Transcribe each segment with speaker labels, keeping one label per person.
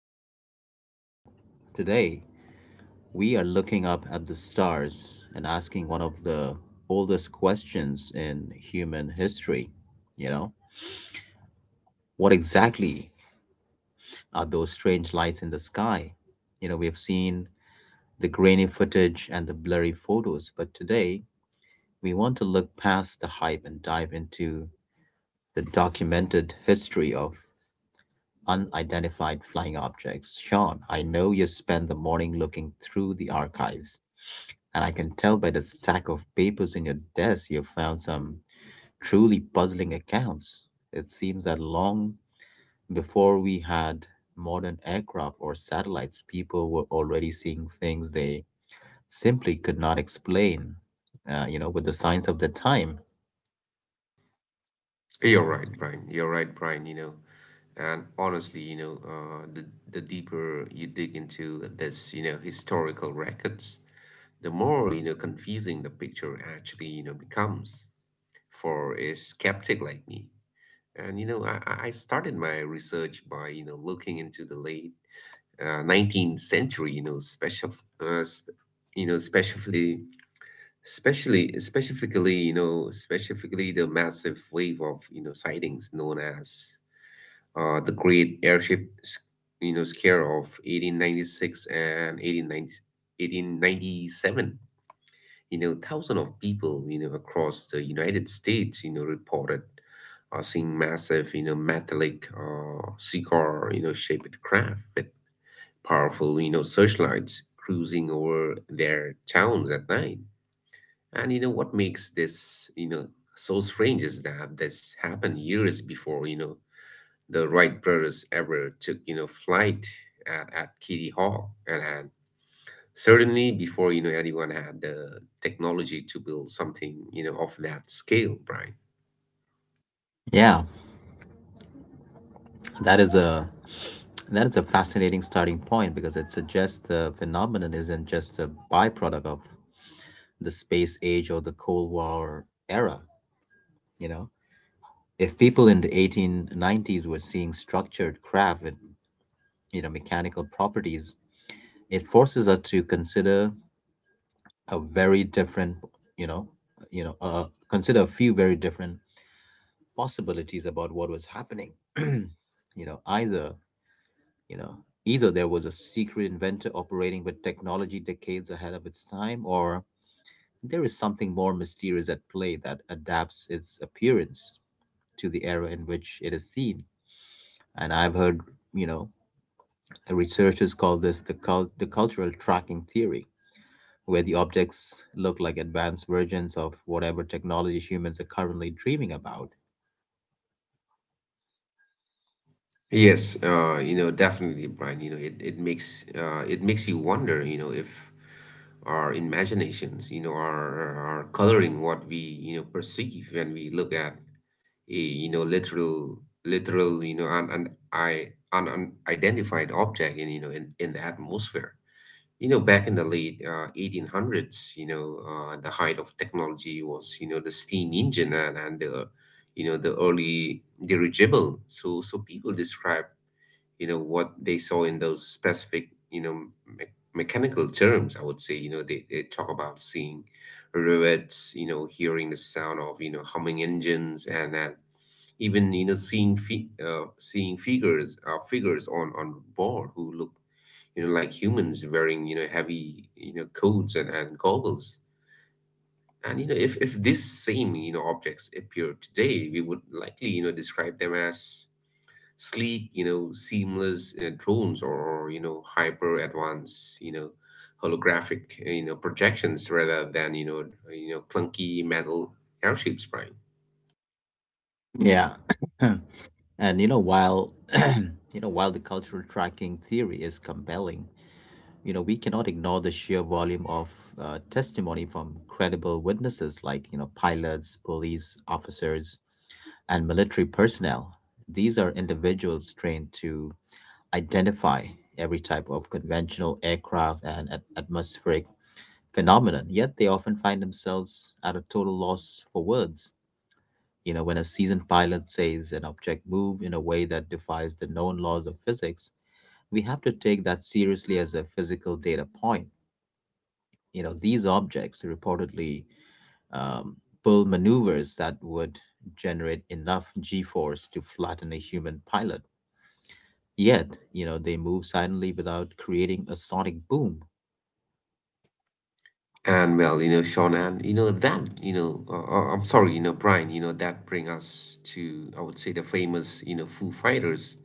Speaker 1: to the program. Today, we are looking up at the stars and asking one of the oldest questions in human history. You know, what exactly are those strange lights in the sky? You know, we have seen the grainy footage and the blurry photos, but today, we want to look past the hype and dive into the documented history of unidentified flying objects. Sean, I know you spent the morning looking through the archives, and I can tell by the stack of papers in your desk you found some truly puzzling accounts. It seems that long before we had modern aircraft or satellites, people were already seeing things they simply could not explain, you know, with the science of the time.
Speaker 2: You're right, Brian. You're right, Brian. And honestly, the deeper you dig into this, historical records, the more confusing the picture actually becomes for a skeptic like me. And, I started my research by looking into the late 19th century, you know, special, sp- you know, specifically the massive wave of sightings known as the great airship scare of 1896 and 1897. Thousands of people across the United States reported, seeing massive metallic, cigar shaped craft with powerful searchlights cruising over their towns at night. And what makes this so strange is that this happened years before the Wright brothers ever took flight at Kitty Hawk. And certainly before anyone had the technology to build something of that scale, Brian.
Speaker 1: Yeah, That is a that is a fascinating starting point because it suggests the phenomenon isn't just a byproduct of the space age or the Cold War era. You know, if people in the 1890s were seeing structured craft with you know mechanical properties, it forces us to consider a very different, you know, consider a few very different possibilities about what was happening. you know, either You know, either there was a secret inventor operating with technology decades ahead of its time, or there is something more mysterious at play that adapts its appearance to the era in which it is seen. And I've heard, you know, researchers call this the the cultural tracking theory, where the objects look like advanced versions of whatever technology humans are currently dreaming about.
Speaker 2: Yes, definitely, Brian. You know, it, it makes you wonder if our imaginations are coloring what we perceive when we look at a literal, an unidentified object in the atmosphere. Back in the late 1800s, the height of technology was the steam engine and the early dirigible. So, people describe what they saw in those specific mechanical terms. I would say they talk about seeing rivets, hearing the sound of humming engines, and even seeing figures on board who look like humans wearing heavy coats and goggles. And if this same objects appear today, we would likely describe them as sleek, seamless, drones, or hyper advanced, holographic, projections rather than clunky metal airships, right?
Speaker 1: Yeah. And you know while you know while the cultural tracking theory is compelling, you know, we cannot ignore the sheer volume of testimony from credible witnesses like, you know, pilots, police officers, and military personnel. These are individuals trained to identify every type of conventional aircraft and atmospheric phenomenon, yet they often find themselves at a total loss for words. You know, when a seasoned pilot says an object moved in a way that defies the known laws of physics, we have to take that seriously as a physical data point. You know, these objects reportedly um, pull maneuvers that would generate enough g force to flatten a human pilot. Yet, you know, they move silently without creating a sonic boom.
Speaker 2: And, well, Sean, and that, I'm sorry, Brian, that bring us to, I would say, the famous Foo Fighters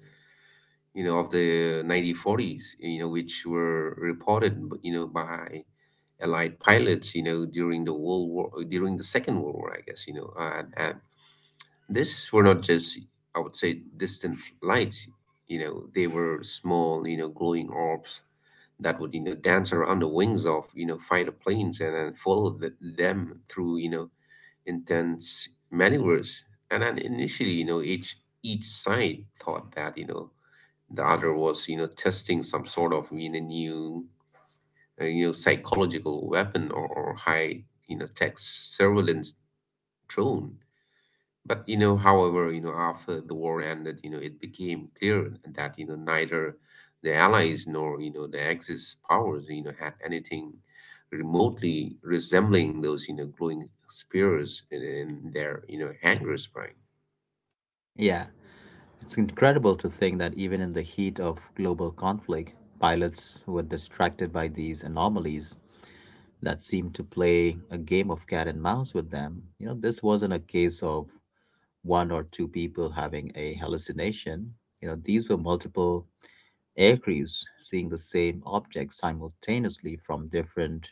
Speaker 2: of the 1940s, which were reported by Allied pilots during the Second World War, I guess, and this were not just, I would say, distant lights. They were small glowing orbs that would dance around the wings of fighter planes and then follow them through intense maneuvers. And then initially each side thought that the other was testing some sort of new psychological weapon, or high tech surveillance drone. But however, after the war ended, it became clear that neither the Allies nor the Axis powers had anything remotely resembling those glowing spears in their hangar spine.
Speaker 1: Yeah, it's incredible to think that even in the heat of global conflict, pilots were distracted by these anomalies that seemed to play a game of cat and mouse with them. You know, this wasn't a case of one or two people having a hallucination. You know, these were multiple aircrews seeing the same object simultaneously from different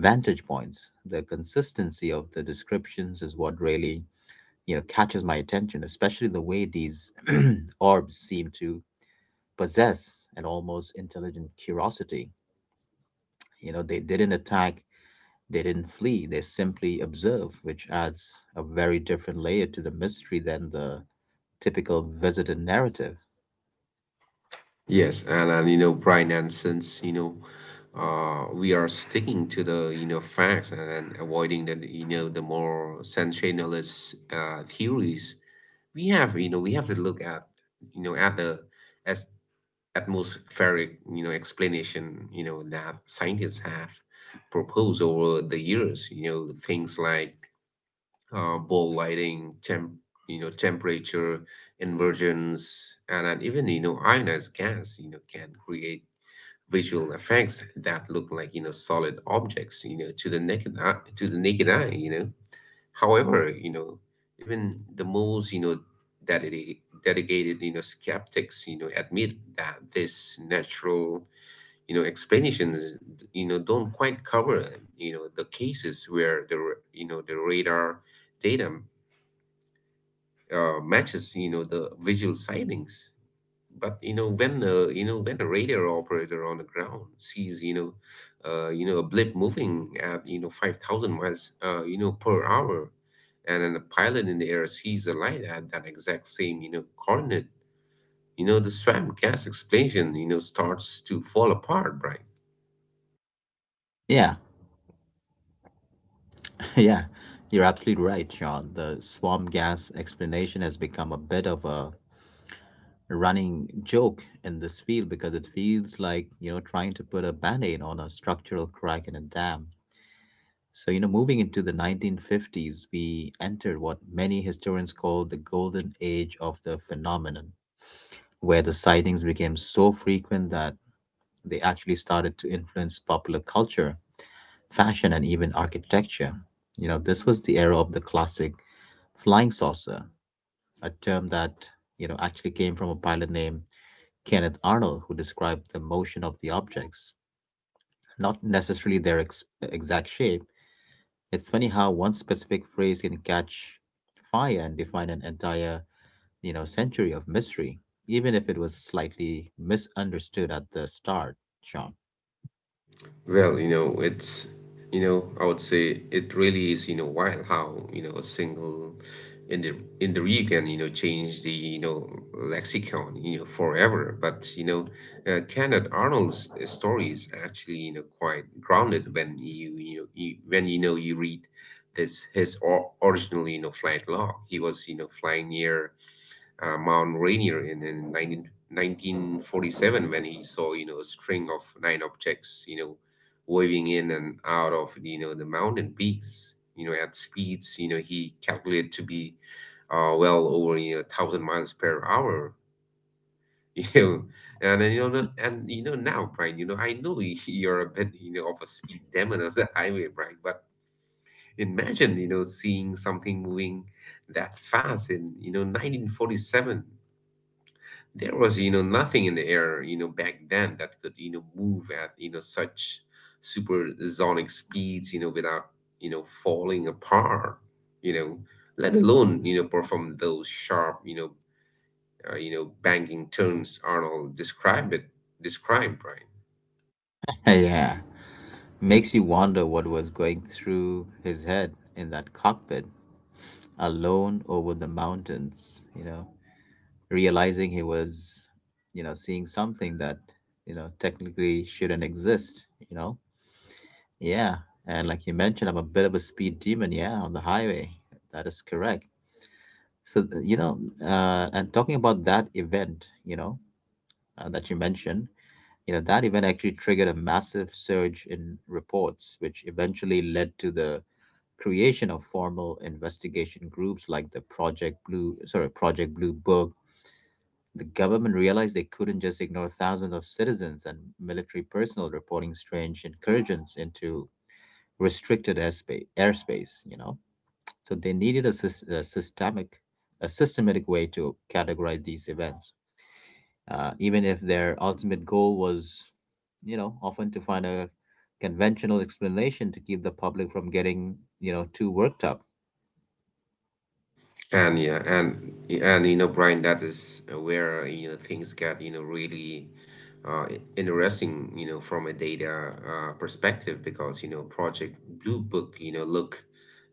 Speaker 1: vantage points. The consistency of the descriptions is what really, you know, catches my attention, especially the way these orbs seem to possess an almost intelligent curiosity. You know, they didn't flee, they simply observed, which adds a very different layer to the mystery than the typical visitor narrative.
Speaker 2: Yes, and Brian, and since we are sticking to the facts and avoiding the you know the more sensationalist theories. We have to look at you know at the as atmospheric explanation that scientists have proposed over the years things like ball lighting, temperature inversions, and even ionized gas can create visual effects that look like solid objects to the naked eye, to the naked eye you know However, even the most dedicated skeptics admit that this natural explanations don't quite cover the cases where the radar data matches the visual sightings, but when you know when a radar operator on the ground sees a blip moving at 5,000 miles per hour, and then a pilot in the air sees a light at that exact same coordinate. The swam gas explosion starts to fall apart, Brian.
Speaker 1: Yeah, yeah, you're absolutely right, Sean. The swamp gas explanation has become a bit of a running joke in this field because it feels like, you know, trying to put a band aid on a structural crack in a dam. So, you know, moving into the 1950s, we entered what many historians call the golden age of the phenomenon, where the sightings became so frequent that they actually started to influence popular culture, fashion, and even architecture. You know, this was the era of the classic flying saucer, a term that, you know, actually came from a pilot named Kenneth Arnold, who described the motion of the objects, not necessarily their exact shape. It's funny how one specific phrase can catch fire and define an entire, you know, century of mystery, even if it was slightly misunderstood at the start, Sean.
Speaker 2: Well, I would say it really is wild how a single in the in the review can change the lexicon forever. But, Kenneth Arnold's story is actually quite grounded when you read original flight log. He was flying near Mount Rainier in 1947, when he saw a string of nine objects waving in and out of the mountain peaks at speeds he calculated to be well over 1,000 miles per hour. You know, and then, you know, the- and you know now, Brian. I know you're a bit of a speed demon on the highway, Brian. But imagine seeing something moving that fast in 1947. There was nothing in the air back then that could move at such supersonic speeds without falling apart, you know let alone perform those sharp banging turns Arnold described it, described, right?
Speaker 1: Yeah. Makes you wonder what was going through his head in that cockpit, alone over the mountains, you know, realizing he was, you know, seeing something that, you know, technically shouldn't exist, you know? Yeah. And like you mentioned, I'm a bit of a speed demon, yeah, on the highway. That is correct. So, you know, and talking about that event, you know, that you mentioned, you know, that event actually triggered a massive surge in reports, which eventually led to the creation of formal investigation groups like the Project Blue Book. The government realized they couldn't just ignore thousands of citizens and military personnel reporting strange incursions into restricted airspace you know. So they needed a, a systemic, a systematic way to categorize these events, even if their ultimate goal was, you know, often to find a conventional explanation to keep the public from getting, you know, too worked up.
Speaker 2: And yeah, and Brian, that is where things get really interesting from a data perspective, because Project Blue Book look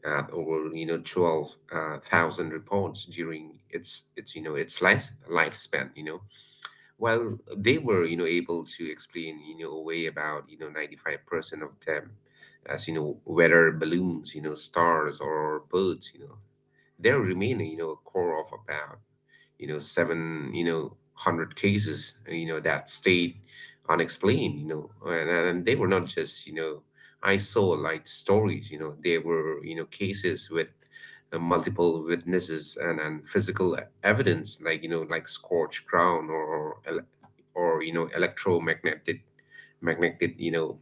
Speaker 2: at over 12 thousand reports during its lifespan, while they were able to explain away about 95% of them as weather balloons, stars or birds, there remain a core of about seven hundred cases that stayed unexplained. And they were not just isolate stories, they were cases with multiple witnesses and physical evidence like scorched ground, or electromagnetic magnetic you know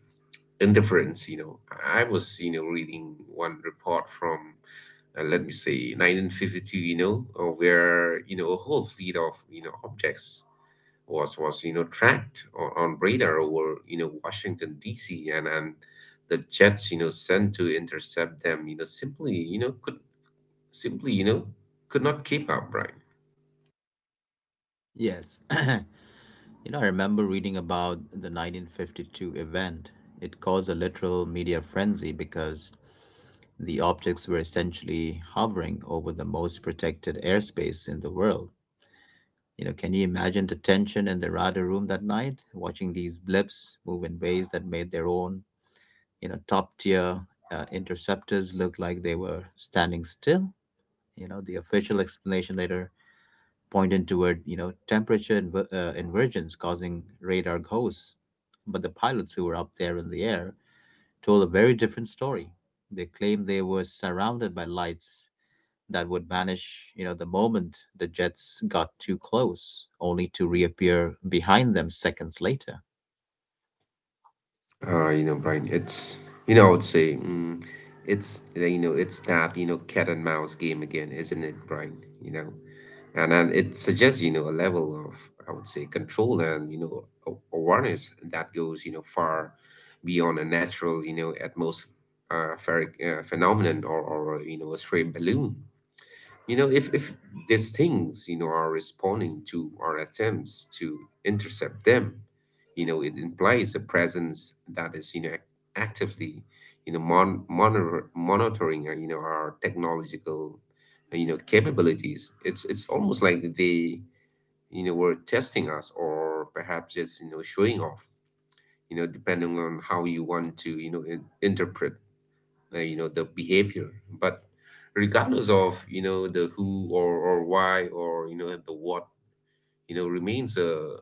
Speaker 2: interference you know I was reading one report from let me say 1952, where a whole fleet of objects was tracked on radar over Washington DC, and the jets sent to intercept them simply could not keep up, right?
Speaker 1: Yes. You know, I remember reading about the 1952 event. It caused a literal media frenzy because the objects were essentially hovering over the most protected airspace in the world. You know, can you imagine the tension in the radar room that night, watching these blips move in ways that made their own, you know, top tier interceptors looked like they were standing still. You know, the official explanation later pointed toward, you know, temperature inversions causing radar ghosts. But the pilots who were up there in the air told a very different story. They claimed they were surrounded by lights that would vanish, you know, the moment the jets got too close, only to reappear behind them seconds later.
Speaker 2: Brian, it's you know, I would say mm, it's that cat and mouse game again, isn't it, Brian? And it suggests a level of, I would say, control, and awareness that goes far beyond a natural atmospheric phenomenon, or a stray balloon. If these things are responding to our attempts to intercept them, it implies a presence that is actively monitoring our technological capabilities. It's almost like they were testing us, or perhaps just showing off, depending on how you want to interpret the behavior. But regardless of the who, or why, or the what, remains a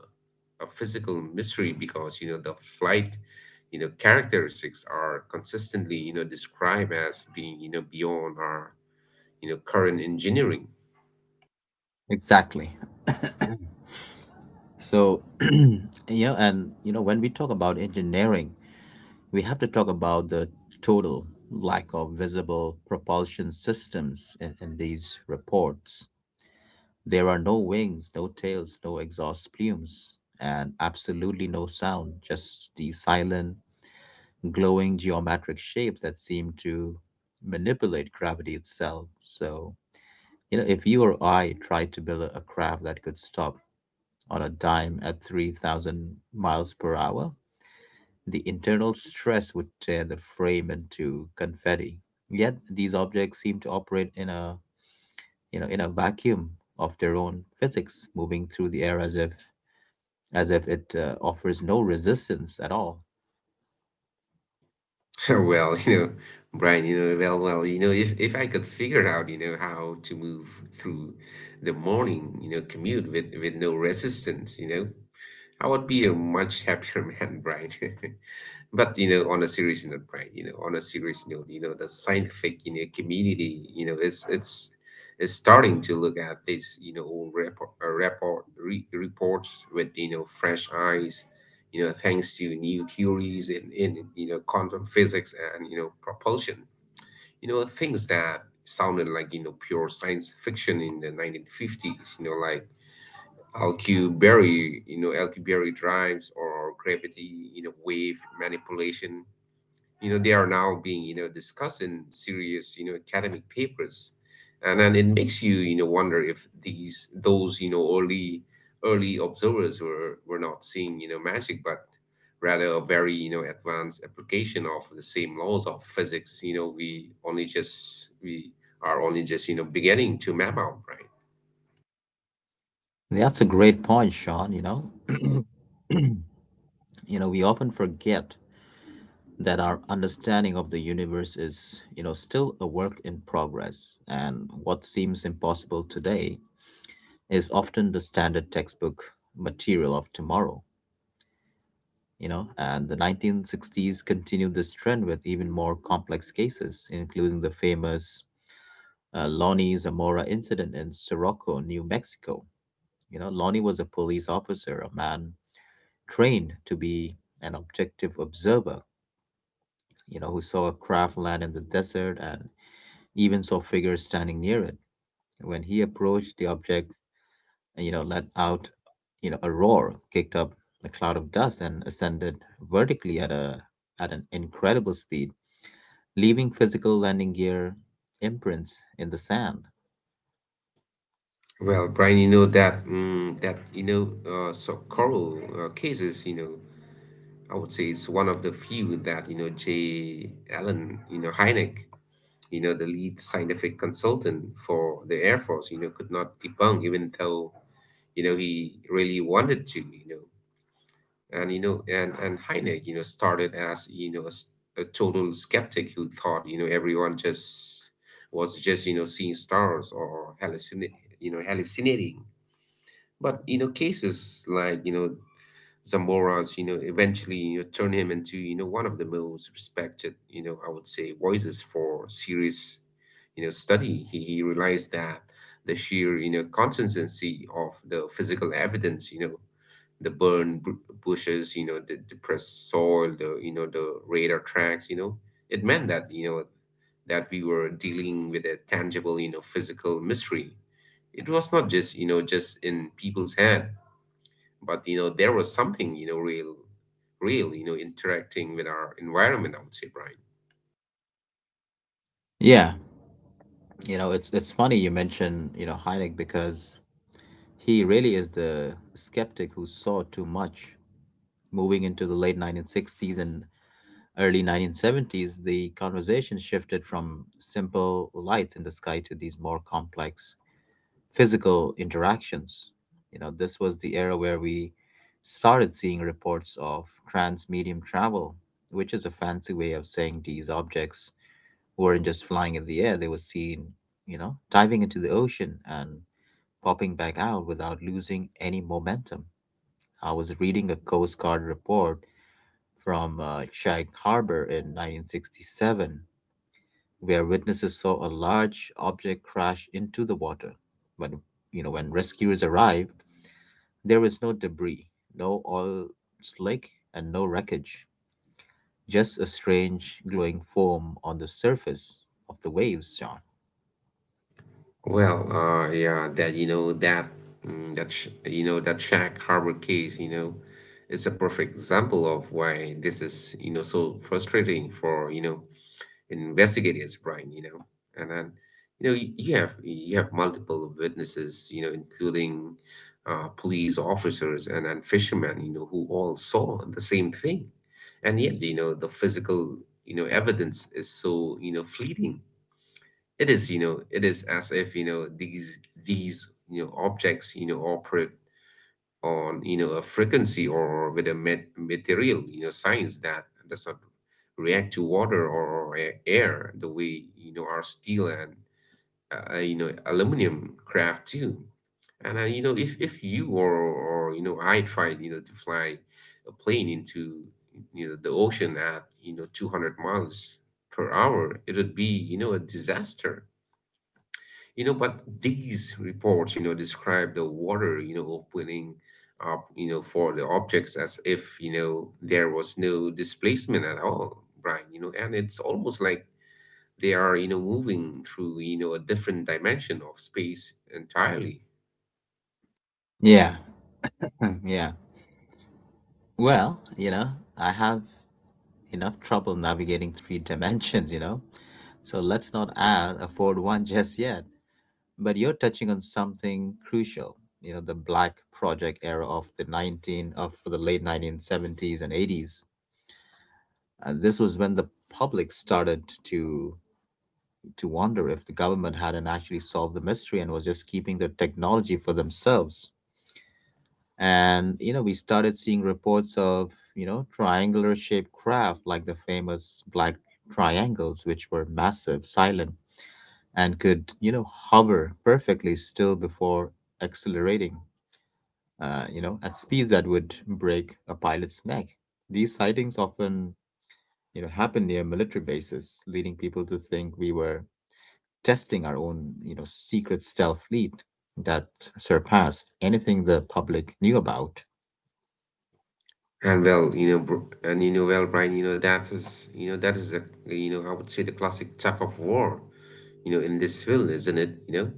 Speaker 2: a physical mystery, because the flight characteristics are consistently described as being beyond our current engineering.
Speaker 1: Exactly. So, yeah, and you know, when we talk about engineering, we have to talk about the total lack of visible propulsion systems in these reports. There are no wings, no tails, no exhaust plumes, and absolutely no sound, just the silent, glowing geometric shapes that seem to manipulate gravity itself. So, you know, if you or I tried to build a craft that could stop on a dime at 3,000 miles per hour, the internal stress would tear the frame into confetti. Yet these objects seem to operate in a you know in a vacuum of their own physics, moving through the air as if it offers no resistance at all.
Speaker 2: Well, Brian, if I could figure out how to move through the morning commute with no resistance, I would be a much happier man, Brian. But on a serious note, Brian, you know, on a serious note, the scientific community, it's is starting to look at this old reports with fresh eyes, thanks to new theories in quantum physics and propulsion, things that sounded like pure science fiction in the 1950s like Alcubierre drives or gravity wave manipulation. They are now being discussed in serious academic papers. And then it makes you wonder if these those early observers were not seeing magic, but rather a very advanced application of the same laws of physics we are only just beginning to map out, right?
Speaker 1: That's a great point, Sean. We often forget that our understanding of the universe is, you know, still a work in progress, and what seems impossible today is often the standard textbook material of tomorrow. You know, and the 1960s continued this trend with even more complex cases, including the famous Lonnie Zamora incident in Sirocco, New Mexico. You know, Lonnie was a police officer, a man trained to be an objective observer, you know, who saw a craft land in the desert and even saw figures standing near it. When he approached the object, you know, let out, you know, a roar, kicked up a cloud of dust, and ascended vertically at a at an incredible speed, leaving physical landing gear imprints in the sand.
Speaker 2: Well, Brian, that so coral cases I would say it's one of the few that J. Allen, you know Hynek, the lead scientific consultant for the Air Force could not debunk, even though he really wanted to. And Hynek started as a total skeptic who thought everyone just was just seeing stars or hallucinating. But cases like Zamora's eventually, you know, turn him into one of the most respected I would say, voices for serious study. He realized that the sheer consistency of the physical evidence the burned bushes the depressed soil, the radar tracks it meant that that we were dealing with a tangible physical mystery. It was not just you know just in people's head, but there was something real interacting with our environment, I would say, Brian.
Speaker 1: Yeah, you know, it's funny you mention, you know, Hynek because he really is the skeptic who saw too much. Moving into the late 1960s and early 1970s, the conversation shifted from simple lights in the sky to these more complex physical interactions. You know, this was the era where we started seeing reports of trans medium travel, which is a fancy way of saying these objects weren't just flying in the air, they were seen, you know, diving into the ocean and popping back out without losing any momentum. I was reading a Coast Guard report from Shag Harbor in 1967, where witnesses saw a large object crash into the water. But, you know, when rescuers arrived, there was no debris, no oil slick, and no wreckage. Just a strange glowing foam on the surface of the waves, John.
Speaker 2: Well, yeah, that Shag Harbor case is a perfect example of why this is so frustrating for investigate is, Brian. And then you have multiple witnesses including police officers and fishermen who all saw the same thing, and yet the physical evidence is so fleeting. It is as if these objects operate on a frequency, or with a material science that does not react to water or air the way our steel and aluminum craft too. And if you, or I tried to fly a plane into the ocean at 200 miles per hour, it would be a disaster. But these reports describe the water opening up for the objects as if there was no displacement at all, Brian and it's almost like they are moving through a different dimension of space entirely.
Speaker 1: Yeah, yeah. Well, you know, I have enough trouble navigating three dimensions, you know, so let's not add a fourth one just yet. But you're touching on something crucial, you know, the Black Project era of the late 1970s and 80s. And this was when the public started to wonder if the government hadn't actually solved the mystery and was just keeping the technology for themselves. And you know we started seeing reports of, you know, triangular shaped craft like the famous black triangles, which were massive, silent, and could, you know, hover perfectly still before accelerating, you know, at speeds that would break a pilot's neck. These sightings often, you know, happen near military bases, leading people to think we were testing our own, you know, secret stealth fleet that surpassed anything the public knew about.
Speaker 2: And well, you know, br- and you know, Well, Brian that is that is a I would say, the classic tug of war, you know, in this field, isn't it?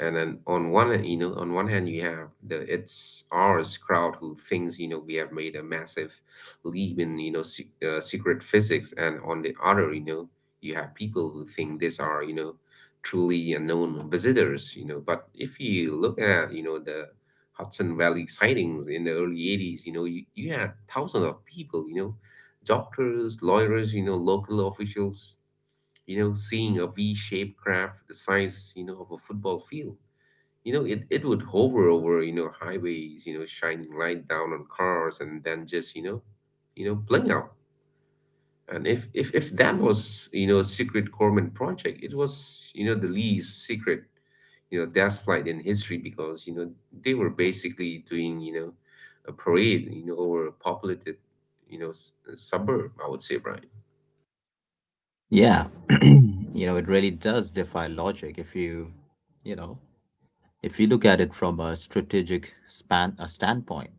Speaker 2: And then on one hand, you have the it's ours crowd who thinks we have made a massive leap in secret physics, and on the other you have people who think these are truly unknown visitors. But if you look at the Hudson Valley sightings in the early 80s you had thousands of people doctors, lawyers local officials seeing a V-shaped craft the size of a football field. It would hover over highways shining light down on cars, and then just, you know, bling out. And if that was a secret government project, it was the least secret test flight in history, because they were basically doing a parade over a populated, you know, s- suburb, I would say, Brian.
Speaker 1: Yeah, you know, it really does defy logic if you, you know, if you look at it from a strategic span a standpoint.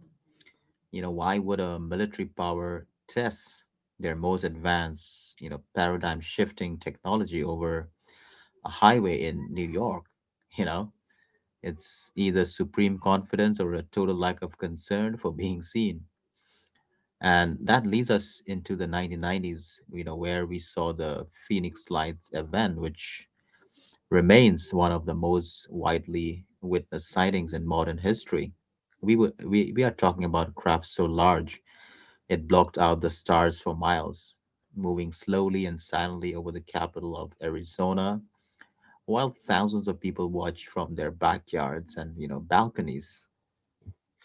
Speaker 1: You know, why would a military power test their most advanced, paradigm shifting technology over a highway in New York? You know, it's either supreme confidence or a total lack of concern for being seen. And that leads us into the 1990s, you know, where we saw the Phoenix Lights event, which remains one of the most widely witnessed sightings in modern history. We are talking about a craft so large it blocked out the stars for miles, moving slowly and silently over the capital of Arizona while thousands of people watched from their backyards and, you know, balconies.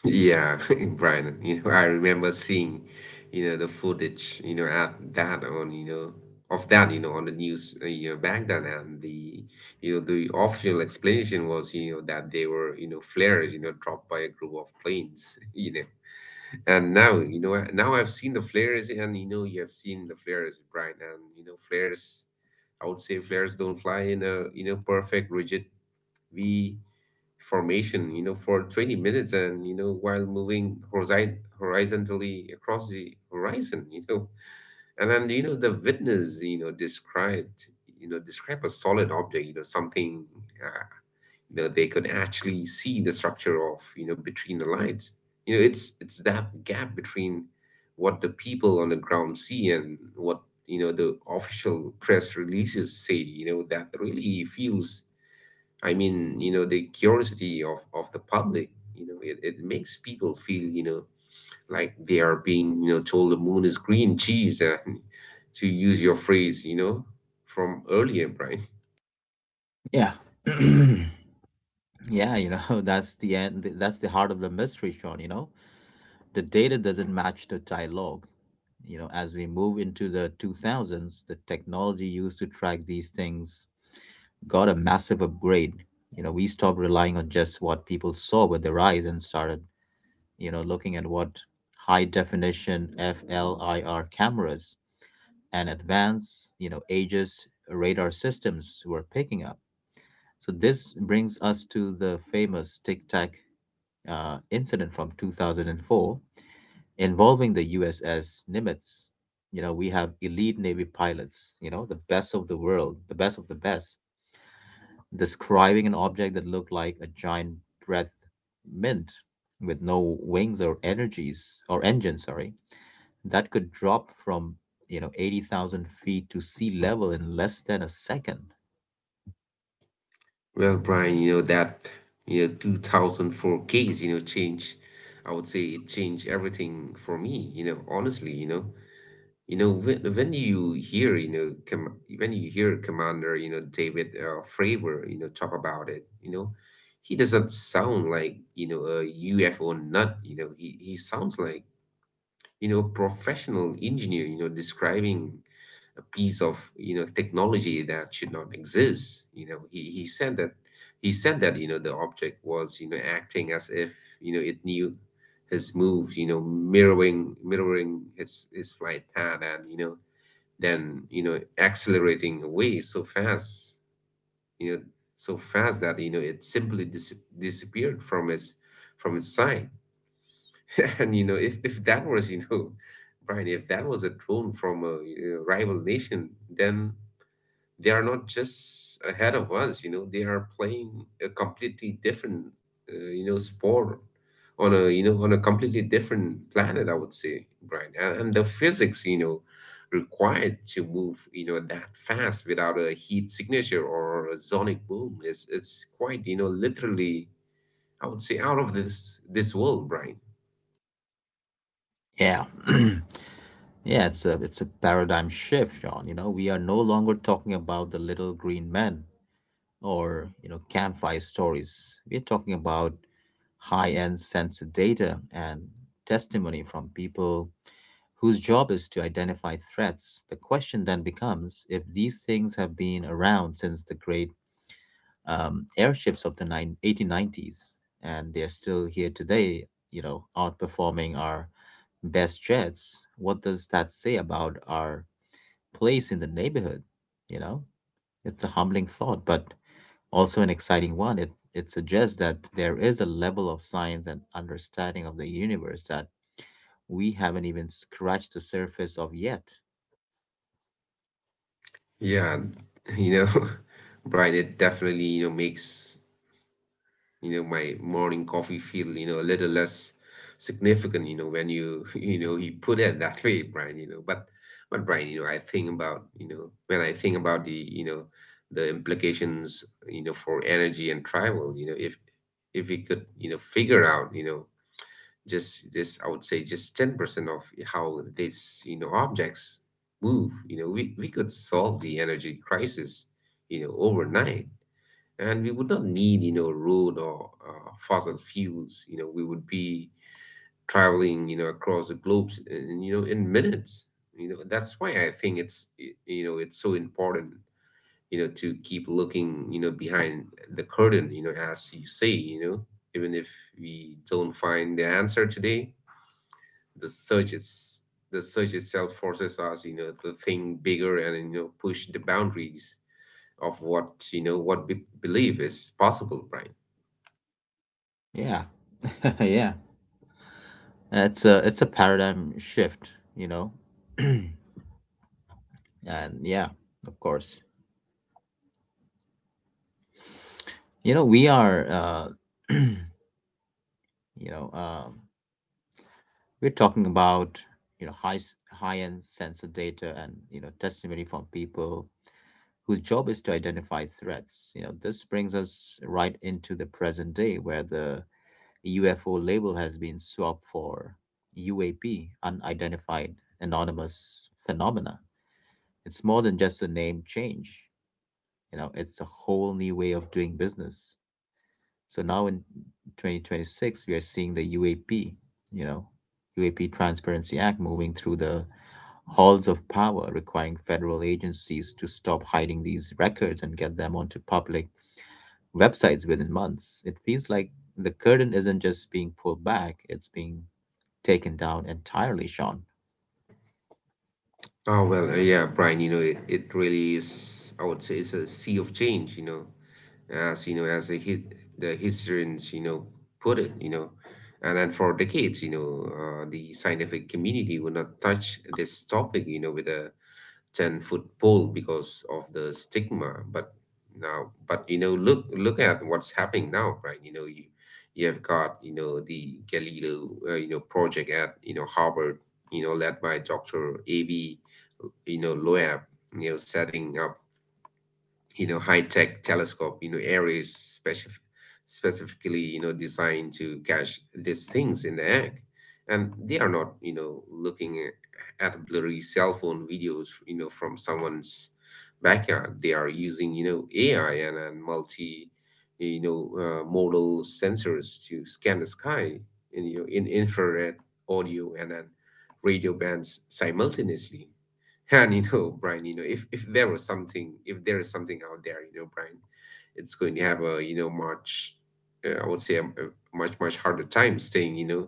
Speaker 2: Yeah, in Brighton I remember seeing the footage, you know, at that on, you know, on the news back then, and the official explanation was that they were flares dropped by a group of planes. And now I've seen the flares, and you have seen the flares, Brian, and I would say, flares don't fly in a perfect rigid V formation for 20 minutes, and while moving horizontally across the horizon. And then the witness, describe a solid object, something, uh, they could actually see the structure of between the lines. It's that gap between what the people on the ground see, and what the official press releases say that really feels — I mean the curiosity of the public it makes people feel like they are being told the moon is green. Geez, to use your phrase from earlier, Brian.
Speaker 1: Yeah. Yeah, you know, that's the heart of the mystery, Sean, you know. The data doesn't match the dialogue. You know, as we move into the 2000s, the technology used to track these things got a massive upgrade. You know, we stopped relying on just what people saw with their eyes and started, you know, looking at what high definition FLIR cameras and advanced, you know, Aegis radar systems were picking up. So this brings us to the famous Tic Tac incident from 2004 involving the USS Nimitz. You know, we have elite Navy pilots, you know, the best of the world, the best of the best, describing an object that looked like a giant breath mint with no wings or energies or engines, sorry, that could drop from, you know, 80,000 feet to sea level in less than a second.
Speaker 2: Well, Brian that 2004 case, I would say, it changed everything for me honestly. When you hear Commander David Fravor talk about it he doesn't sound like a UFO nut he sounds like a professional engineer describing a piece of technology that should not exist. He said that, the object was acting as if it knew his moves mirroring his flight path, and than accelerating away so fast, you know, so fast that it simply disappeared from its sight. And if that was you know Brian, if that was a drone from a, you know, rival nation, then they are not just ahead of us, you know they are playing a completely different sport on a completely different planet, I would say, Brian. And the physics, you know required to move that fast without a heat signature or a sonic boom, is it's quite, you know, literally, I would say, out of this world, Brian.
Speaker 1: Yeah. Yeah, it's a, it's a paradigm shift, John. You know, we are no longer talking about the little green men or, you know, campfire stories. We're talking about high-end sensor data and testimony from people whose job is to identify threats. The question then becomes, if these things have been around since the great airships of the eighteen nineties and they're still here today, you know, outperforming our best jets, what does that say about our place in the neighborhood? You know, it's a humbling thought, but also an exciting one. It suggests that there is a level of science and understanding of the universe that we haven't even scratched the surface of yet.
Speaker 2: Yeah. you know Brian, it definitely, you know, makes, you know, my morning coffee feel, you know, a little less significant, you know, when you you put it that way, Brian, you know but Brian, you know when I think about the implications, you know for energy and travel, you know If we could, you know, figure out, you know, just this — I would say just 10% of how these, you know, objects move, you know we could solve the energy crisis, you know, overnight. And we would not need, you know, road or, fossil fuels. We would be traveling, you know, across the globe, in minutes. That's why I think it's so important, you know, to keep looking, you know, behind the curtain, you know, as you say, you know, even if we don't find the answer today. The search is the search itself forces us, you know, to think bigger, and push the boundaries of what you know what we believe is possible, Brian.
Speaker 1: Yeah. Yeah. It's a paradigm shift, you know? And yeah, of course. You know, we are, you know, um, we're talking about, you know, high-end sensor data and, you know, testimony from people whose job is to identify threats. You know, this brings us right into the present day where the UFO label has been swapped for UAP, unidentified anonymous phenomena. It's more than just a name change. You know, it's a whole new way of doing business. So now in 2026, we are seeing the UAP, you know, UAP Transparency Act moving through the halls of power, requiring federal agencies to stop hiding these records and get them onto public websites within months. It feels like the curtain isn't just being pulled back, it's being taken down entirely, Sean.
Speaker 2: Oh, well, yeah, Brian. It really is. I would say, it's a sea of change. As the historians put it. And then, for decades the scientific community would not touch this topic with a 10-foot pole because of the stigma, but now, but look, at what's happening now. Right? You have got, the Galileo project at, Harvard, led by Dr. Ab, Loeb, setting up high-tech telescope you know areas, specifically designed to catch these things in the act. And they are not, looking at blurry cell phone videos from someone's backyard. They are using, AI, and multi modal sensors to scan the sky in, in infrared, audio, and then radio bands simultaneously. And, Brian, if there was something, if there is something out there, Brian, it's going to have a, much, I would say, a much, much harder time staying,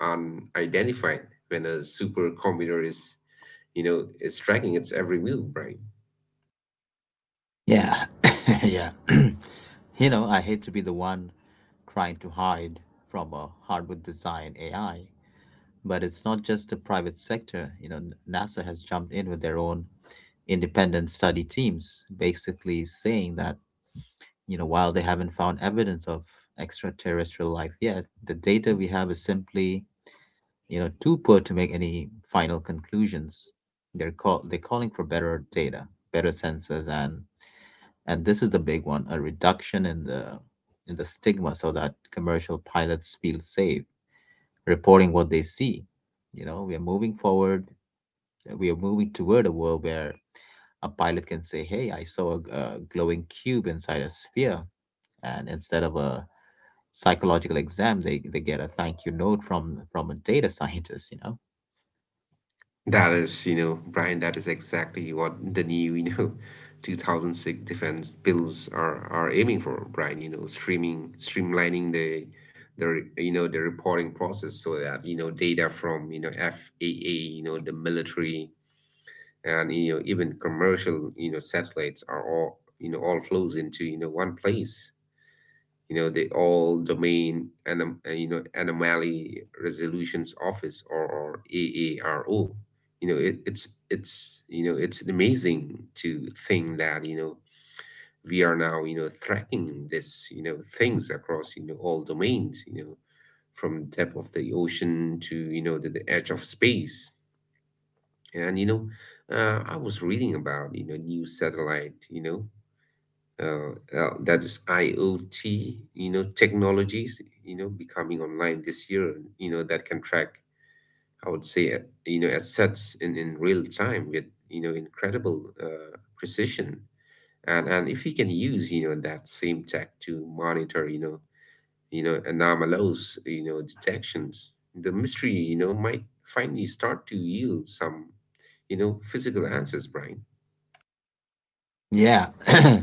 Speaker 2: unidentified, when a supercomputer is, is tracking its every move, Brian.
Speaker 1: Yeah, yeah. You know, I hate to be the one trying to hide from a hardware design AI, but it's not just the private sector. You know, NASA has jumped in with their own independent study teams, basically saying that, you know, while they haven't found evidence of extraterrestrial life yet, the data we have is simply, you know, too poor to make any final conclusions. They're calling for better data, better sensors, and this is the big one: a reduction in the stigma, so that commercial pilots feel safe reporting what they see. You know, we are moving forward. We are moving toward a world where a pilot can say, "Hey, I saw a glowing cube inside a sphere," and instead of a psychological exam, they get a thank you note from a data scientist. You know.
Speaker 2: That is, Brian, that is exactly what the new, 2006 defense bills are aiming for, Brian, streaming streamlining the the reporting process, so that data from, FAA, the military, and even commercial, satellites are all, all flows into one place, the all domain anomaly resolutions office, or AARO. You know, it's, it's amazing to think that we are now, tracking this things across, all domains, from depth of the ocean to, the edge of space. And, I was reading about, new satellite, that is IoT, technologies, becoming online this year, that can track, I would say, assets in real time with, incredible precision. And if we can use, that same tech to monitor, anomalous, detections, the mystery, might finally start to yield some, physical answers, Brian.
Speaker 1: Yeah. Yeah,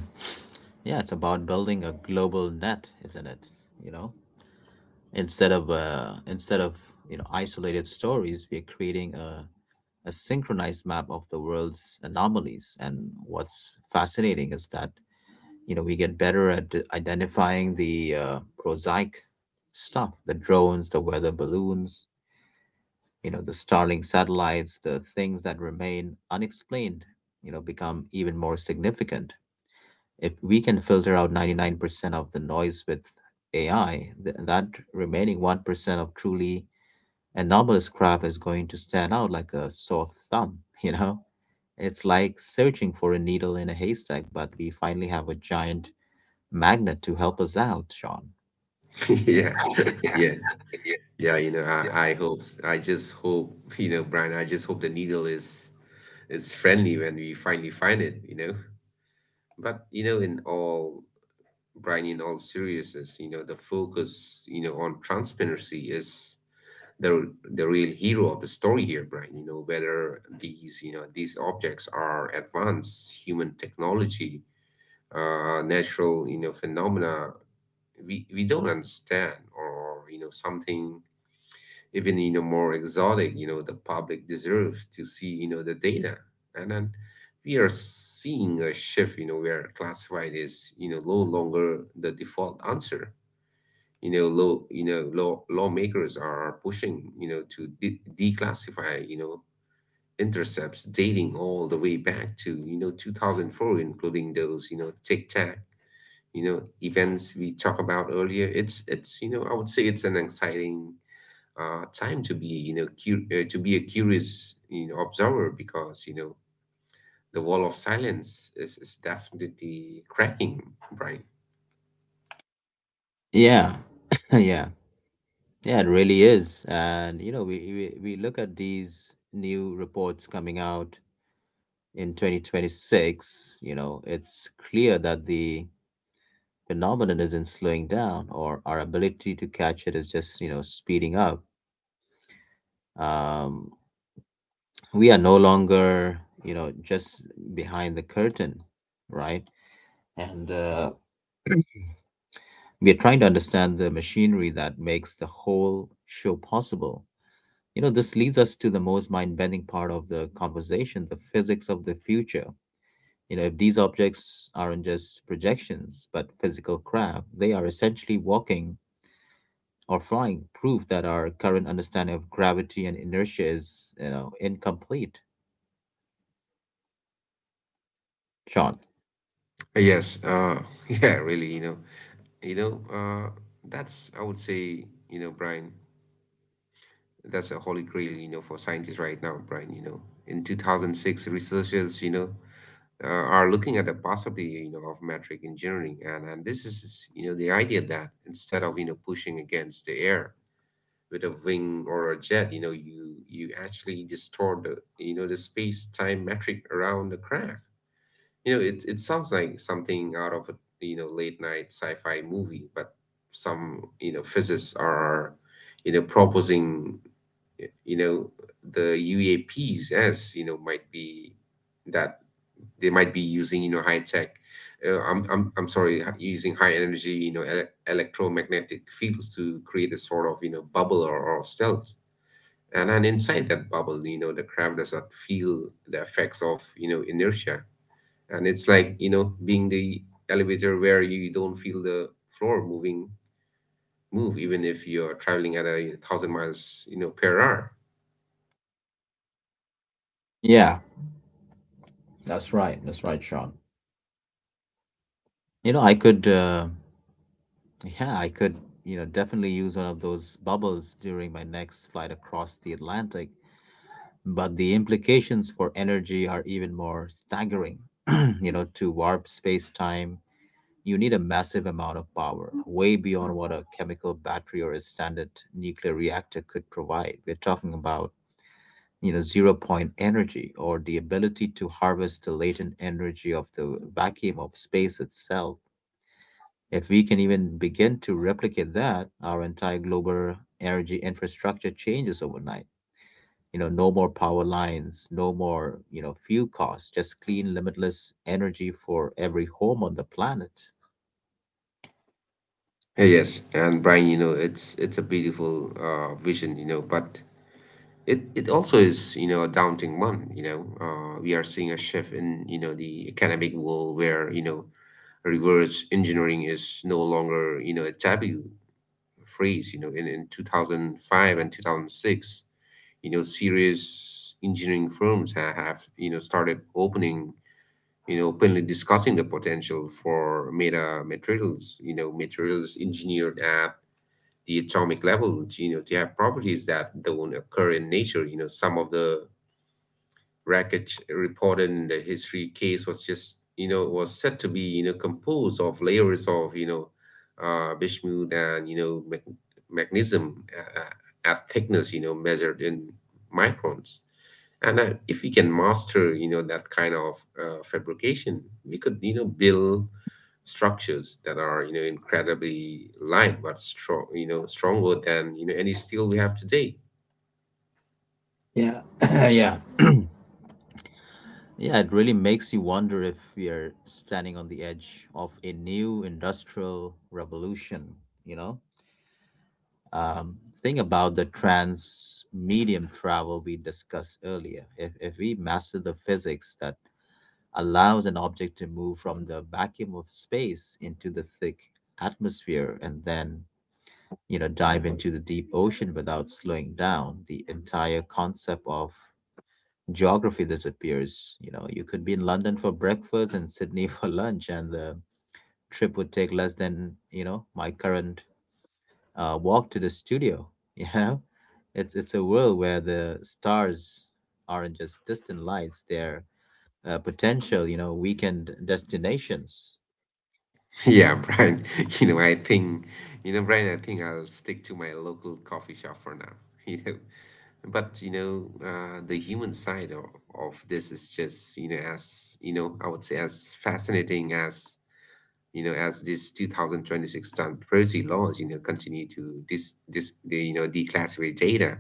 Speaker 1: it's about building a global net, isn't it? You know, instead of, you know, isolated stories, we're creating a synchronized map of the world's anomalies. And what's fascinating is that, you know, we get better at identifying the prosaic stuff, the drones, the weather balloons, you know, the Starlink satellites. The things that remain unexplained, you know, become even more significant. If we can filter out 99% of the noise with AI, that remaining 1% of truly anomalous crap is going to stand out like a sore thumb, you know? It's like searching for a needle in a haystack, but we finally have a giant magnet to help us out, Sean.
Speaker 2: Yeah. Yeah. Yeah, I hope, I just hope, Brian, I just hope the needle is friendly when we finally find it, But, in all, Brian, in all seriousness, the focus, on transparency is the real hero of the story here, Brian. You know whether these, these objects are advanced human technology, natural, phenomena we don't understand, or, something even, more exotic, the public deserves to see, the data. And then we are seeing a shift, where classified is, no longer the default answer. You know, law lawmakers are pushing, to declassify, intercepts dating all the way back to, 2004, including those, Tic Tac, events we talked about earlier. It's, I would say, it's an exciting time to be, to be a curious, observer, because, the wall of silence is definitely cracking, Brian.
Speaker 1: Yeah, yeah, yeah, it really is. And, you know, we look at these new reports coming out in 2026, you know, it's clear that the phenomenon isn't slowing down, or our ability to catch it is just, you know, speeding up. um, we are no longer, you know, just behind the curtain, right? And we are trying to understand the machinery that makes the whole show possible. You know, this leads us to the most mind-bending part of the conversation: the physics of the future. You know, if these objects aren't just projections but physical craft, they are essentially walking or flying prove that our current understanding of gravity and inertia is, you know, incomplete, Sean.
Speaker 2: Yes, yeah, really, you know uh, that's, I would say, Brian, that's a holy grail, for scientists right now, Brian. You know, in 2006, researchers, are looking at the possibility, of metric engineering. And this is, the idea that instead of, pushing against the air with a wing or a jet, you, you actually distort the, the space-time metric around the crack. You know, it sounds like something out of a, late night sci-fi movie, but some, physicists are, proposing, you know the UAPs as, might be that they might be using, high tech I'm sorry, using high energy, electromagnetic fields to create a sort of, bubble or stealth. And inside that bubble, the crab does not feel the effects of, inertia. And it's like, being the elevator where you don't feel the floor moving, move, even if you're traveling at 1,000 miles, per hour.
Speaker 1: Yeah, that's right. That's right, Sean. You know, I could, yeah, I could, you know, definitely use one of those bubbles during my next flight across the Atlantic, but the implications for energy are even more staggering. You know, to warp space time, you need a massive amount of power, way beyond what a chemical battery or a standard nuclear reactor could provide. We're talking about, you know, zero point energy, or the ability to harvest the latent energy of the vacuum of space itself. If we can even begin to replicate that, our entire global energy infrastructure changes overnight. You know, no more power lines, no more, you know, fuel costs, just clean limitless energy for every home on the planet.
Speaker 2: Yeah. Yes, and Brian, it's a beautiful vision, but it also is, a daunting one, we are seeing a shift in, the academic world, where, reverse engineering is no longer, a taboo phrase, in 2005 and 2006, serious engineering firms have, started opening, openly discussing the potential for meta materials, materials engineered at the atomic level, to have properties that don't occur in nature. You know, some of the wreckage report in the history case was just, was said to be, composed of layers of, bismuth and, magnesium, at thickness, measured in microns. And if we can master, that kind of fabrication, we could, build structures that are, incredibly light but strong, stronger than, any steel we have today.
Speaker 1: Yeah, yeah, yeah, it really makes you wonder if we are standing on the edge of a new industrial revolution, you know? um, think about the trans medium travel we discussed earlier. If we master the physics that allows an object to move from the vacuum of space into the thick atmosphere and then, you know, dive into the deep ocean without slowing down, the entire concept of geography disappears. You know, you could be in London for breakfast and Sydney for lunch, and the trip would take less than, you know, my current walk to the studio. You know, it's a world where the stars aren't just distant lights; they're potential, you know, weekend destinations.
Speaker 2: Yeah, Brian. You know, I think, Brian, I think I'll stick to my local coffee shop for now, you know. But, the human side of this is just, as, I would say, as fascinating as, as this 2026 transparency laws, continue to the, declassify data.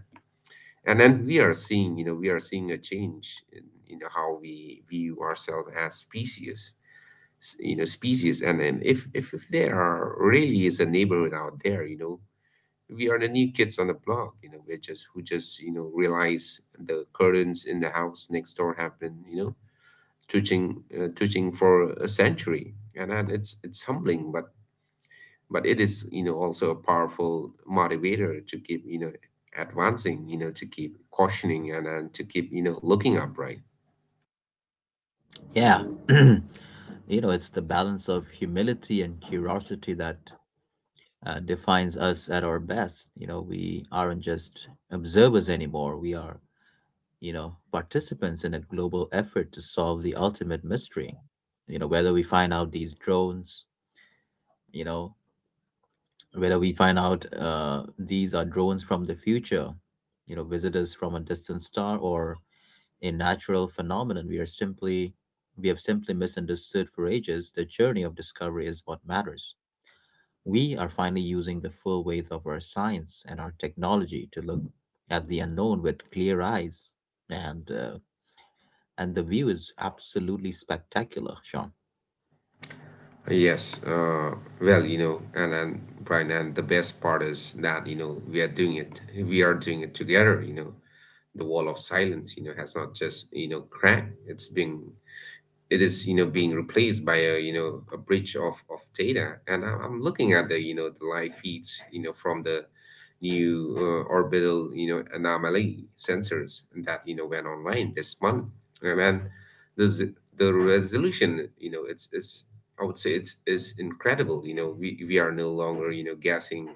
Speaker 2: And then we are seeing, we are seeing a change in, how we view ourselves as species, species. And if there are really is a neighborhood out there, we are the new kids on the block, we're just who just, realize the curtains in the house next door have been, twitching for a century, and that it's humbling, but it is, also a powerful motivator to keep, advancing, to keep cautioning, and to keep, looking upright.
Speaker 1: Yeah, you know, it's the balance of humility and curiosity that defines us at our best. You know, we aren't just observers anymore; we are, you know, participants in a global effort to solve the ultimate mystery. You know, you know, whether we find out these are drones from the future, you know, visitors from a distant star or a natural phenomenon, we have simply misunderstood for ages. The journey of discovery is what matters. We are finally using the full weight of our science and our technology to look at the unknown with clear eyes. And the view is absolutely spectacular, Sean.
Speaker 2: Yes, well, and Brian, and the best part is that, we are doing it. We are doing it together, The wall of silence, has not just, cracked. It's being, it is, being replaced by a, a bridge of data. And I'm looking at the, the live feeds, from the new orbital, anomaly sensors, that, went online this month. And man, the resolution, it's, I would say, it's is incredible. You know, we are no longer, guessing,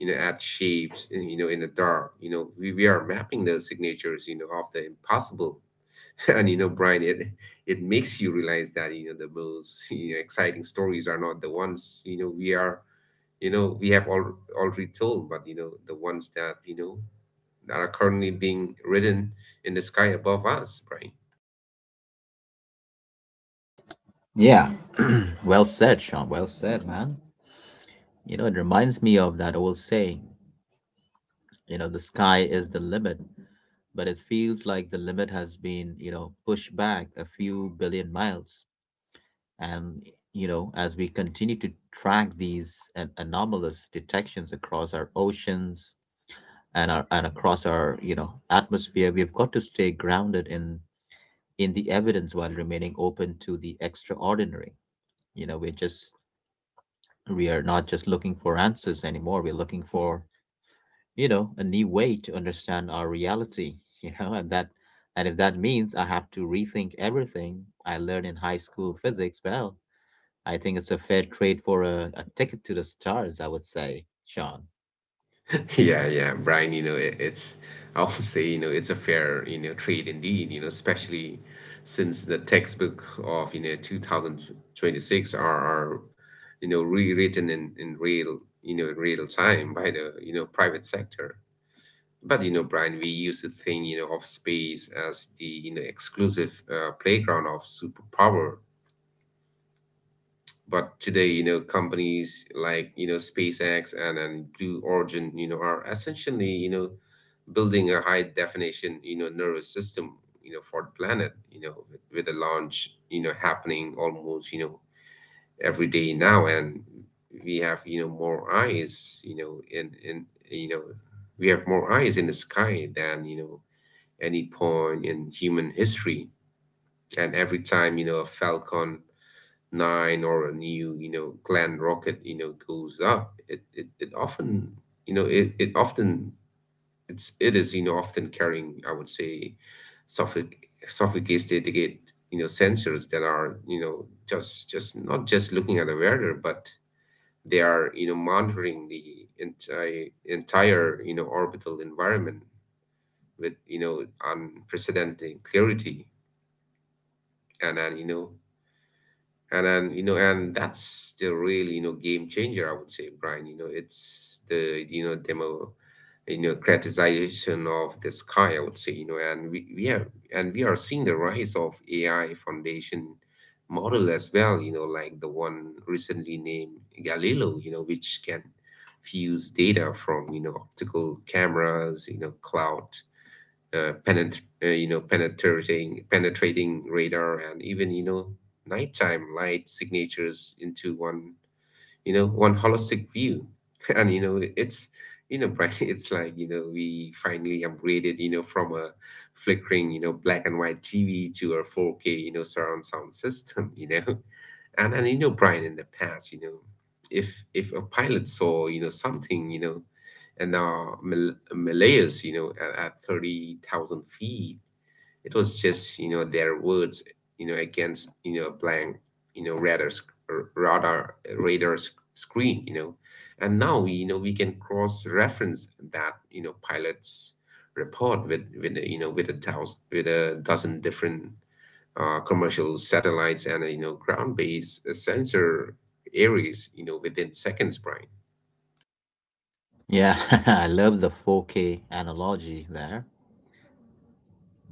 Speaker 2: at shapes, in the dark. You know, we are mapping the signatures, of the impossible. And, Brian, it makes you realize that, the most, exciting stories are not the ones, we are, we have already told, but, the ones that, that are currently being written in the sky above us, Brian.
Speaker 1: Yeah. Well said, Sean. Well said, man. You know, it reminds me of that old saying, you know, the sky is the limit, but it feels like the limit has been, you know, pushed back a few billion miles. And, you know, as we continue to track these anomalous detections across our oceans and across our, you know, atmosphere, we've got to stay grounded in the evidence while remaining open to the extraordinary. You know, we are not just looking for answers anymore. We're looking for, you know, a new way to understand our reality, you know, and if that means I have to rethink everything I learned in high school physics, well, I think it's a fair trade for a ticket to the stars, I would say, Sean.
Speaker 2: Yeah, yeah, Brian, it, it's, I would say, it's a fair, trade indeed, especially since the textbook of, 2026 are, rewritten in real, in real time by the, private sector. But, Brian, we use the thing, of space as the, exclusive playground of superpower. But today, companies like, SpaceX and Blue Origin are essentially building a high definition, nervous system, for the planet, with the launch happening almost every day now. And we have, more eyes, you know in you know we have more eyes in the sky than, any point in human history. And every time, a Falcon 9 or a new, Glen rocket goes up. It often, you know it, it often, it is often carrying, I would say, sophic sophisticated, sensors that are, just not just looking at the weather, but they are, monitoring the entire orbital environment with, unprecedented clarity. And then, and that's the real, game changer, I would say, Brian. It's the, you know demo you know criticization of the sky, I would say. You know and we, we have and we are seeing the rise of AI foundation model as well, like the one recently named Galileo, which can fuse data from, optical cameras, cloud, penetrating radar, and even, nighttime light signatures into one, holistic view. And, it's, Bryce, it's like, we finally upgraded, from a flickering, black and white TV to a 4K, surround sound system. Brian, in the past, if a pilot saw, something, and Malaya's, you know, at 30,000 feet. It was just, their words, against, a blank, radar, sc- r- radar, radar sc- screen, And now, we can cross-reference that, pilot's report, with, you know, with a thousand, with a dozen different, commercial satellites and, ground-based, sensor areas, within seconds, Brian.
Speaker 1: Yeah, I love the 4K analogy there.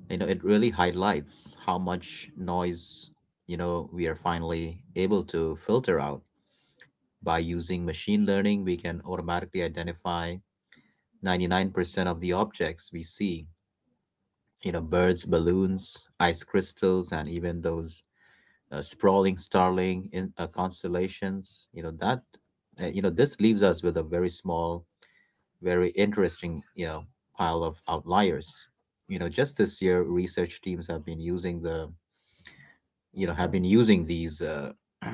Speaker 1: It really highlights how much noise, we are finally able to filter out. By using machine learning, we can automatically identify 99% of the objects we see, you know, birds, balloons, ice crystals, and even those sprawling starling in constellations, you know. This leaves us with a very small, very interesting, you know, pile of outliers. Just this year, research teams have been using the you know have been using these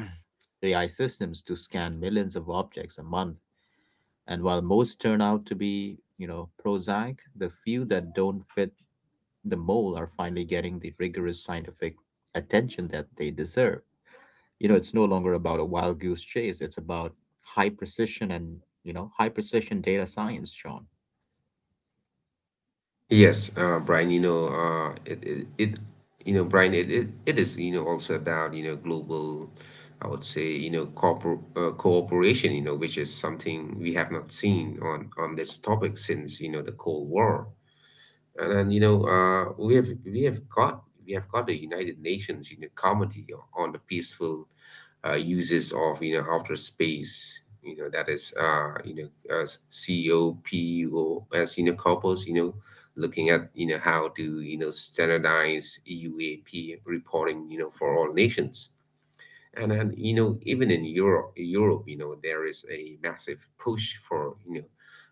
Speaker 1: AI systems to scan millions of objects a month. And while most turn out to be, you know, prosaic, the few that don't fit the mold are finally getting the rigorous scientific attention that they deserve. It's no longer about a wild goose chase. It's about high precision and, you know, high precision data science, Sean.
Speaker 2: Yes, Brian, Brian, it is, also about, global, I would say, you know, corpor cooperation, which is something we have not seen on this topic since, the Cold War. And then, we have got the United Nations, Committee on the Peaceful, uses of, outer space, that is, as COPOS, couples, looking at, how to, standardize UAP reporting, for all nations. And then, even in Europe, there is a massive push for,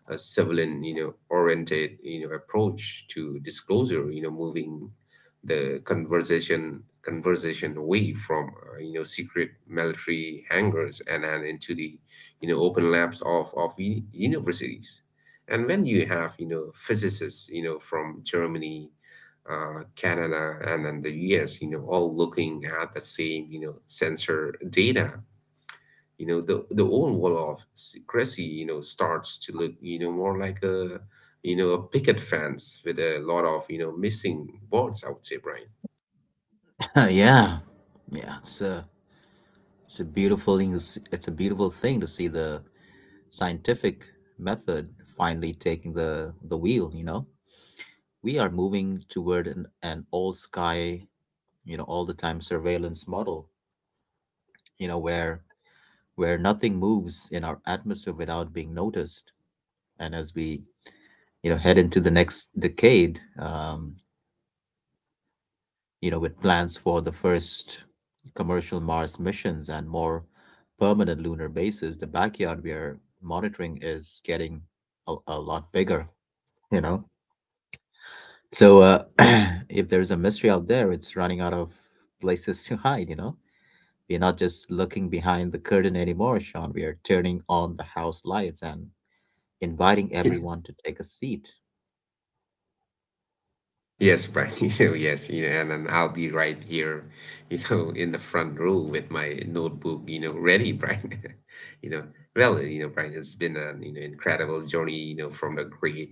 Speaker 2: a civilian, oriented, approach to disclosure, moving the conversation away from, secret military hangars, and then into the, open labs of, universities. And when you have, physicists, from Germany, Canada, and then the US, all looking at the same, sensor data, the old wall of secrecy, starts to look, more like a, a picket fence with a lot of, missing boards. I would say, Brian.
Speaker 1: Yeah. yeah it's a it's a beautiful thing to it's a beautiful thing to see the scientific method finally taking the wheel, you know. We are moving toward an all sky you know, all the time surveillance model, you know, where nothing moves in our atmosphere without being noticed. And as we, you know, head into the next decade, you know, with plans for the first commercial Mars missions and more permanent lunar bases, the backyard we are monitoring is getting a lot bigger, you know. So if there's a mystery out there, it's running out of places to hide, you know. We're not just looking behind the curtain anymore, Sean. We are turning on the house lights and inviting everyone to take a seat.
Speaker 2: Yes, Brian. Yes, and then I'll be right here, in the front row with my notebook, ready, Brian. You know, well, Brian, it's been an, incredible journey, from the great,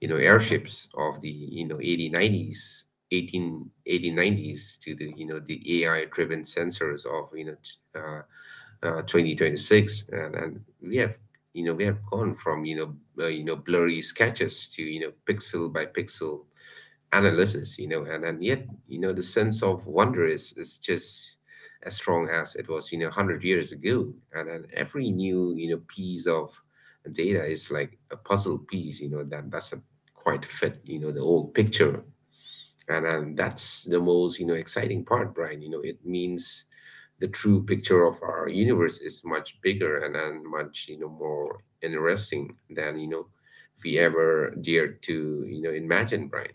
Speaker 2: airships of the, 1890s, eighteen eighteen nineties, to the, AI driven sensors of, uh, 2026. And we have gone from, blurry sketches to, pixel by pixel analysis, and yet, the sense of wonder is just as strong as it was, 100 years ago. And then every new, piece of data is like a puzzle piece, that doesn't quite fit, the old picture. And that's the most, exciting part, Brian. It means the true picture of our universe is much bigger and much, more interesting than, we ever dared to, imagine, Brian.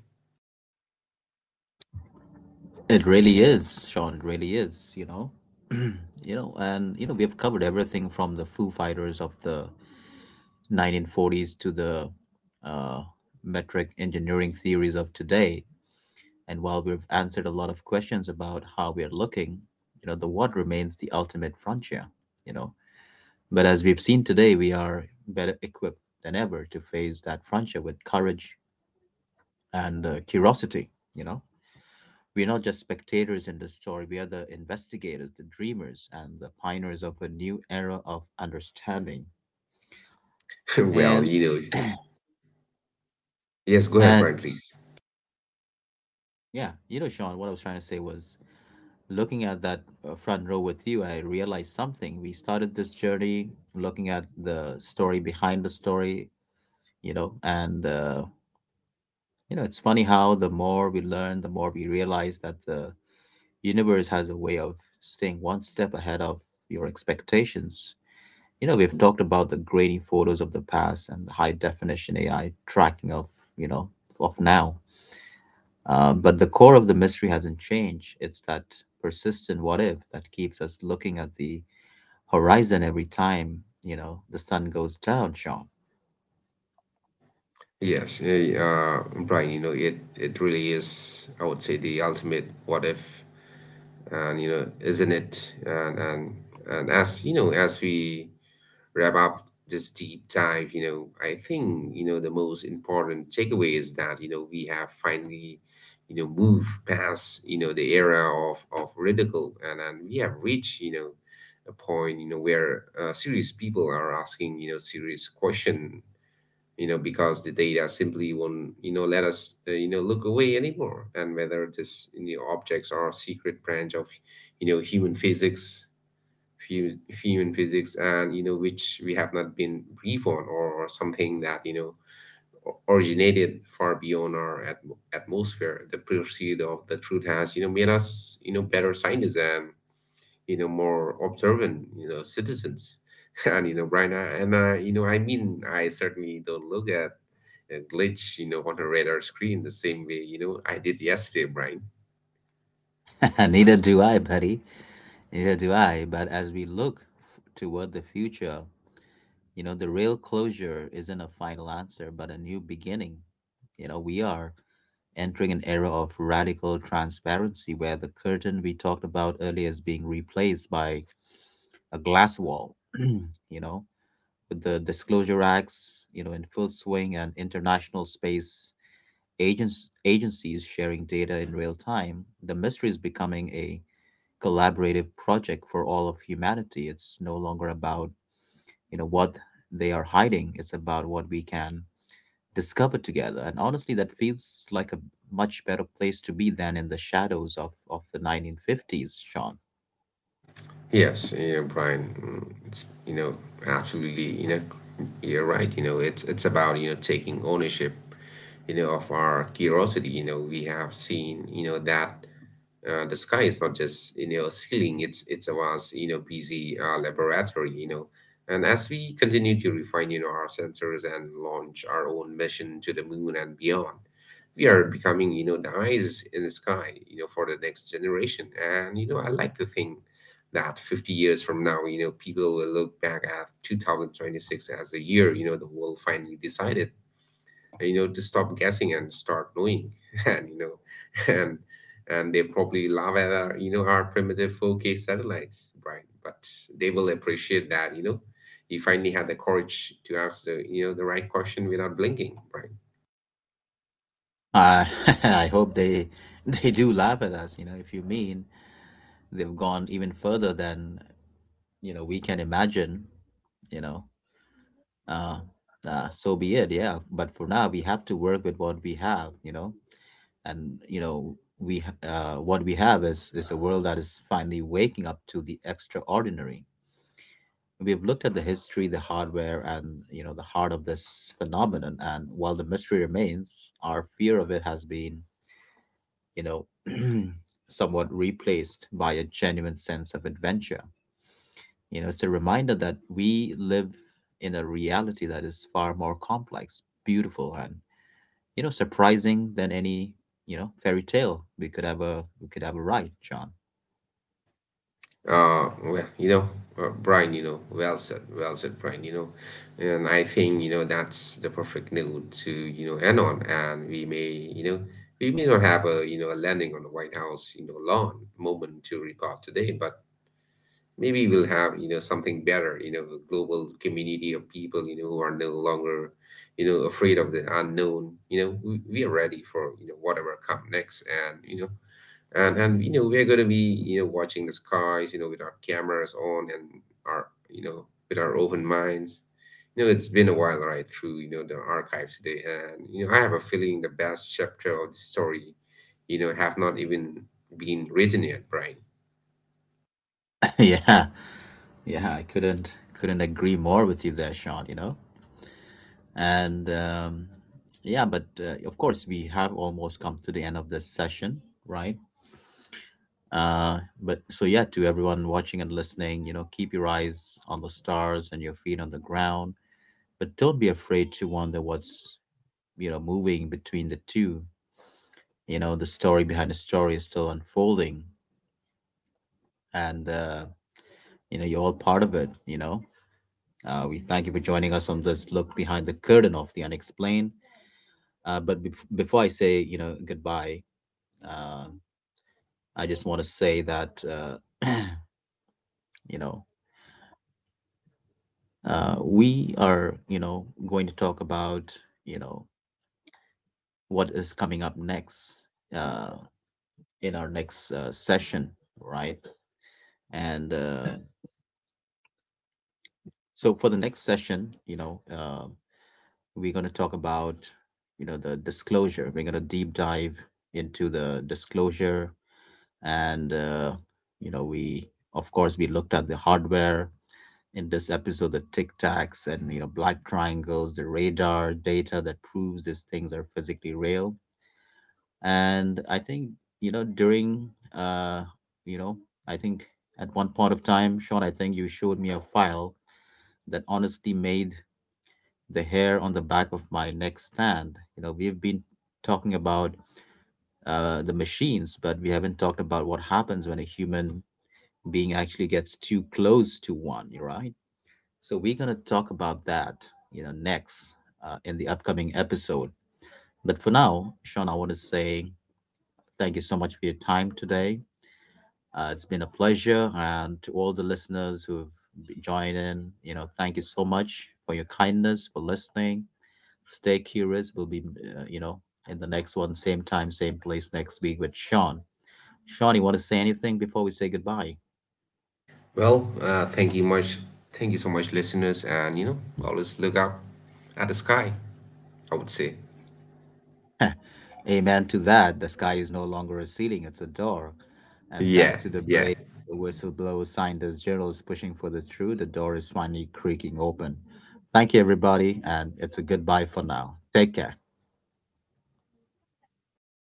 Speaker 1: It really is, Sean. It really is, you know. You know, and you know, we have covered everything from the Foo Fighters of the 1940s to the uh, metric engineering theories of today. And while we've answered a lot of questions about how we are looking, you know, the what remains the ultimate frontier, you know. But as we've seen today, we are better equipped than ever to face that frontier with courage and curiosity, you know. We're not just spectators in this story, we are the investigators, the dreamers, and the pioneers of a new era of understanding.
Speaker 2: Well,
Speaker 1: And
Speaker 2: yes, go ahead, Brian, please.
Speaker 1: yeah, you know, Sean, what I was trying to say was, looking at that front row with you, I realized something. We started this journey looking at the story behind the story, you know, and, you know, it's funny how the more we learn, the more we realize that the universe has a way of staying one step ahead of your expectations. You know, we've talked about the— uh, but the core of the mystery hasn't changed. It's that persistent what if that keeps us looking at the horizon every time, you know, the sun goes down, Sean.
Speaker 2: Yes, Brian, it really is, I would say, the ultimate what if. And isn't it? And as, we wrap up this deep dive, I think, the most important takeaway is that, we have finally, moved past, the era of ridicule, and we have reached, a point, where, serious people are asking, serious question, because the data simply won't, let us, look away anymore. And whether this, objects are a secret branch of, human physics, few few physics, and which we have not been brief on, or something that, originated far beyond our atmosphere. The pursuit of the truth has, made us, better scientists, and, more observant, citizens. And, right now. And I you know I mean, I certainly don't look at a glitch, on a radar screen the same way, I did yesterday, Brian.
Speaker 1: Neither do I, buddy. Neither do I. But as we look toward the future, you know, the real closure isn't a final answer, but a new beginning. You know, we are entering an era of radical transparency where the curtain we talked about earlier is being replaced by a glass wall, you know, with the disclosure acts, you know, in full swing, and international space agents agencies sharing data in real time, the mystery is becoming a collaborative project for all of humanity. It's no longer about, you know, what they are hiding. It's about what we can discover together, and honestly, that feels like a much better place to be than in the shadows of the 1950s, Sean.
Speaker 2: Yes, Brian, it's, absolutely, you're right. It's about, taking ownership, of our curiosity. We have seen, that, the sky is not just, a ceiling. It's a vast, busy, laboratory. And as we continue to refine, our sensors and launch our own mission to the moon and beyond, we are becoming, the eyes in the sky, for the next generation. And, I like to think that 50 years from now, people will look back at 2026 as a year, the world finally decided, to stop guessing and start knowing. And, and, and they probably laugh at our, our primitive 4K satellites, Brian, but they will appreciate that, he finally had the courage to ask the, the right question without blinking, Brian.
Speaker 1: uh, I hope they they do laugh at us, you know. If you mean they've gone even further than, you know, we can imagine, you know, uh, so be it. Yeah. But for now, we have to work with what we have, you know. And you know, what we have is a world that is finally waking up to the extraordinary. We have looked at the history, the hardware, and, you know, the heart of this phenomenon, and while the mystery remains, our fear of it has been, you know, somewhat replaced by a genuine sense of adventure. You know, it's a reminder that we live in a reality that is far more complex, beautiful, and, you know, surprising than any, you know, fairy tale we could ever write, Sean.
Speaker 2: Well, Brian, well said, Brian, and I think, that's the perfect note to, end on. And we may not have a, a landing on the White House, lawn moment to report today, but maybe we'll have, something better, a global community of people, who are no longer, afraid of the unknown. We are ready for, whatever come next. And, you know, and we're going to be, watching the skies, with our cameras on, and our, with our open minds. It's been a while right through, the archives today, and I have a feeling the best chapter of the story, have not even been written yet, Brian.
Speaker 1: Yeah. I couldn't agree more with you there, Sean. You know, and yeah, but of course we have almost come to the end of this session, right? But so yeah, to everyone watching and listening, you know, keep your eyes on the stars and your feet on the ground, but don't be afraid to wonder what's, you know, moving between the two. You know, the story behind the story is still unfolding, and you know, you're all part of it, you know. We thank you for joining us on this look behind the curtain of the unexplained. But before I say, you know, goodbye, uh, I just want to say that you know, we are, you know, going to talk about, you know, what is coming up next, uh, in our next session, right? And so for the next session, you know, um, we're going to talk about, you know, the disclosure. We're going to deep dive into the disclosure, and you know, we of course, we looked at the hardware in this episode, the tic tacs and, you know, black triangles, the radar data that proves these things are physically real. And I think, you know, during, uh, you know, I think at one point of time, Sean, I think you showed me a file that honestly made the hair on the back of my neck stand. You know, we've been talking about the machines, but we haven't talked about what happens when a human being actually gets too close to one, right? So we're going to talk about that, you know, next, in the upcoming episode. But for now, Sean, I want to say thank you so much for your time today. It's been a pleasure, and to all the listeners who've joined in, you know, thank you so much for your kindness, for listening. Stay curious. We'll be, you know, in the next one, same time, same place next week with Sean. Sean, you want to say anything before we say goodbye?
Speaker 2: Well, thank you much, thank you so much listeners, and always look up at the sky, I would say.
Speaker 1: Amen to that. The sky is no longer a ceiling, it's a door. And
Speaker 2: Yeah,
Speaker 1: thanks to the brave
Speaker 2: yeah.
Speaker 1: whistleblower signed as journalists pushing for the truth, the door is finally creaking open. Thank you, everybody, and it's a goodbye for now. Take care.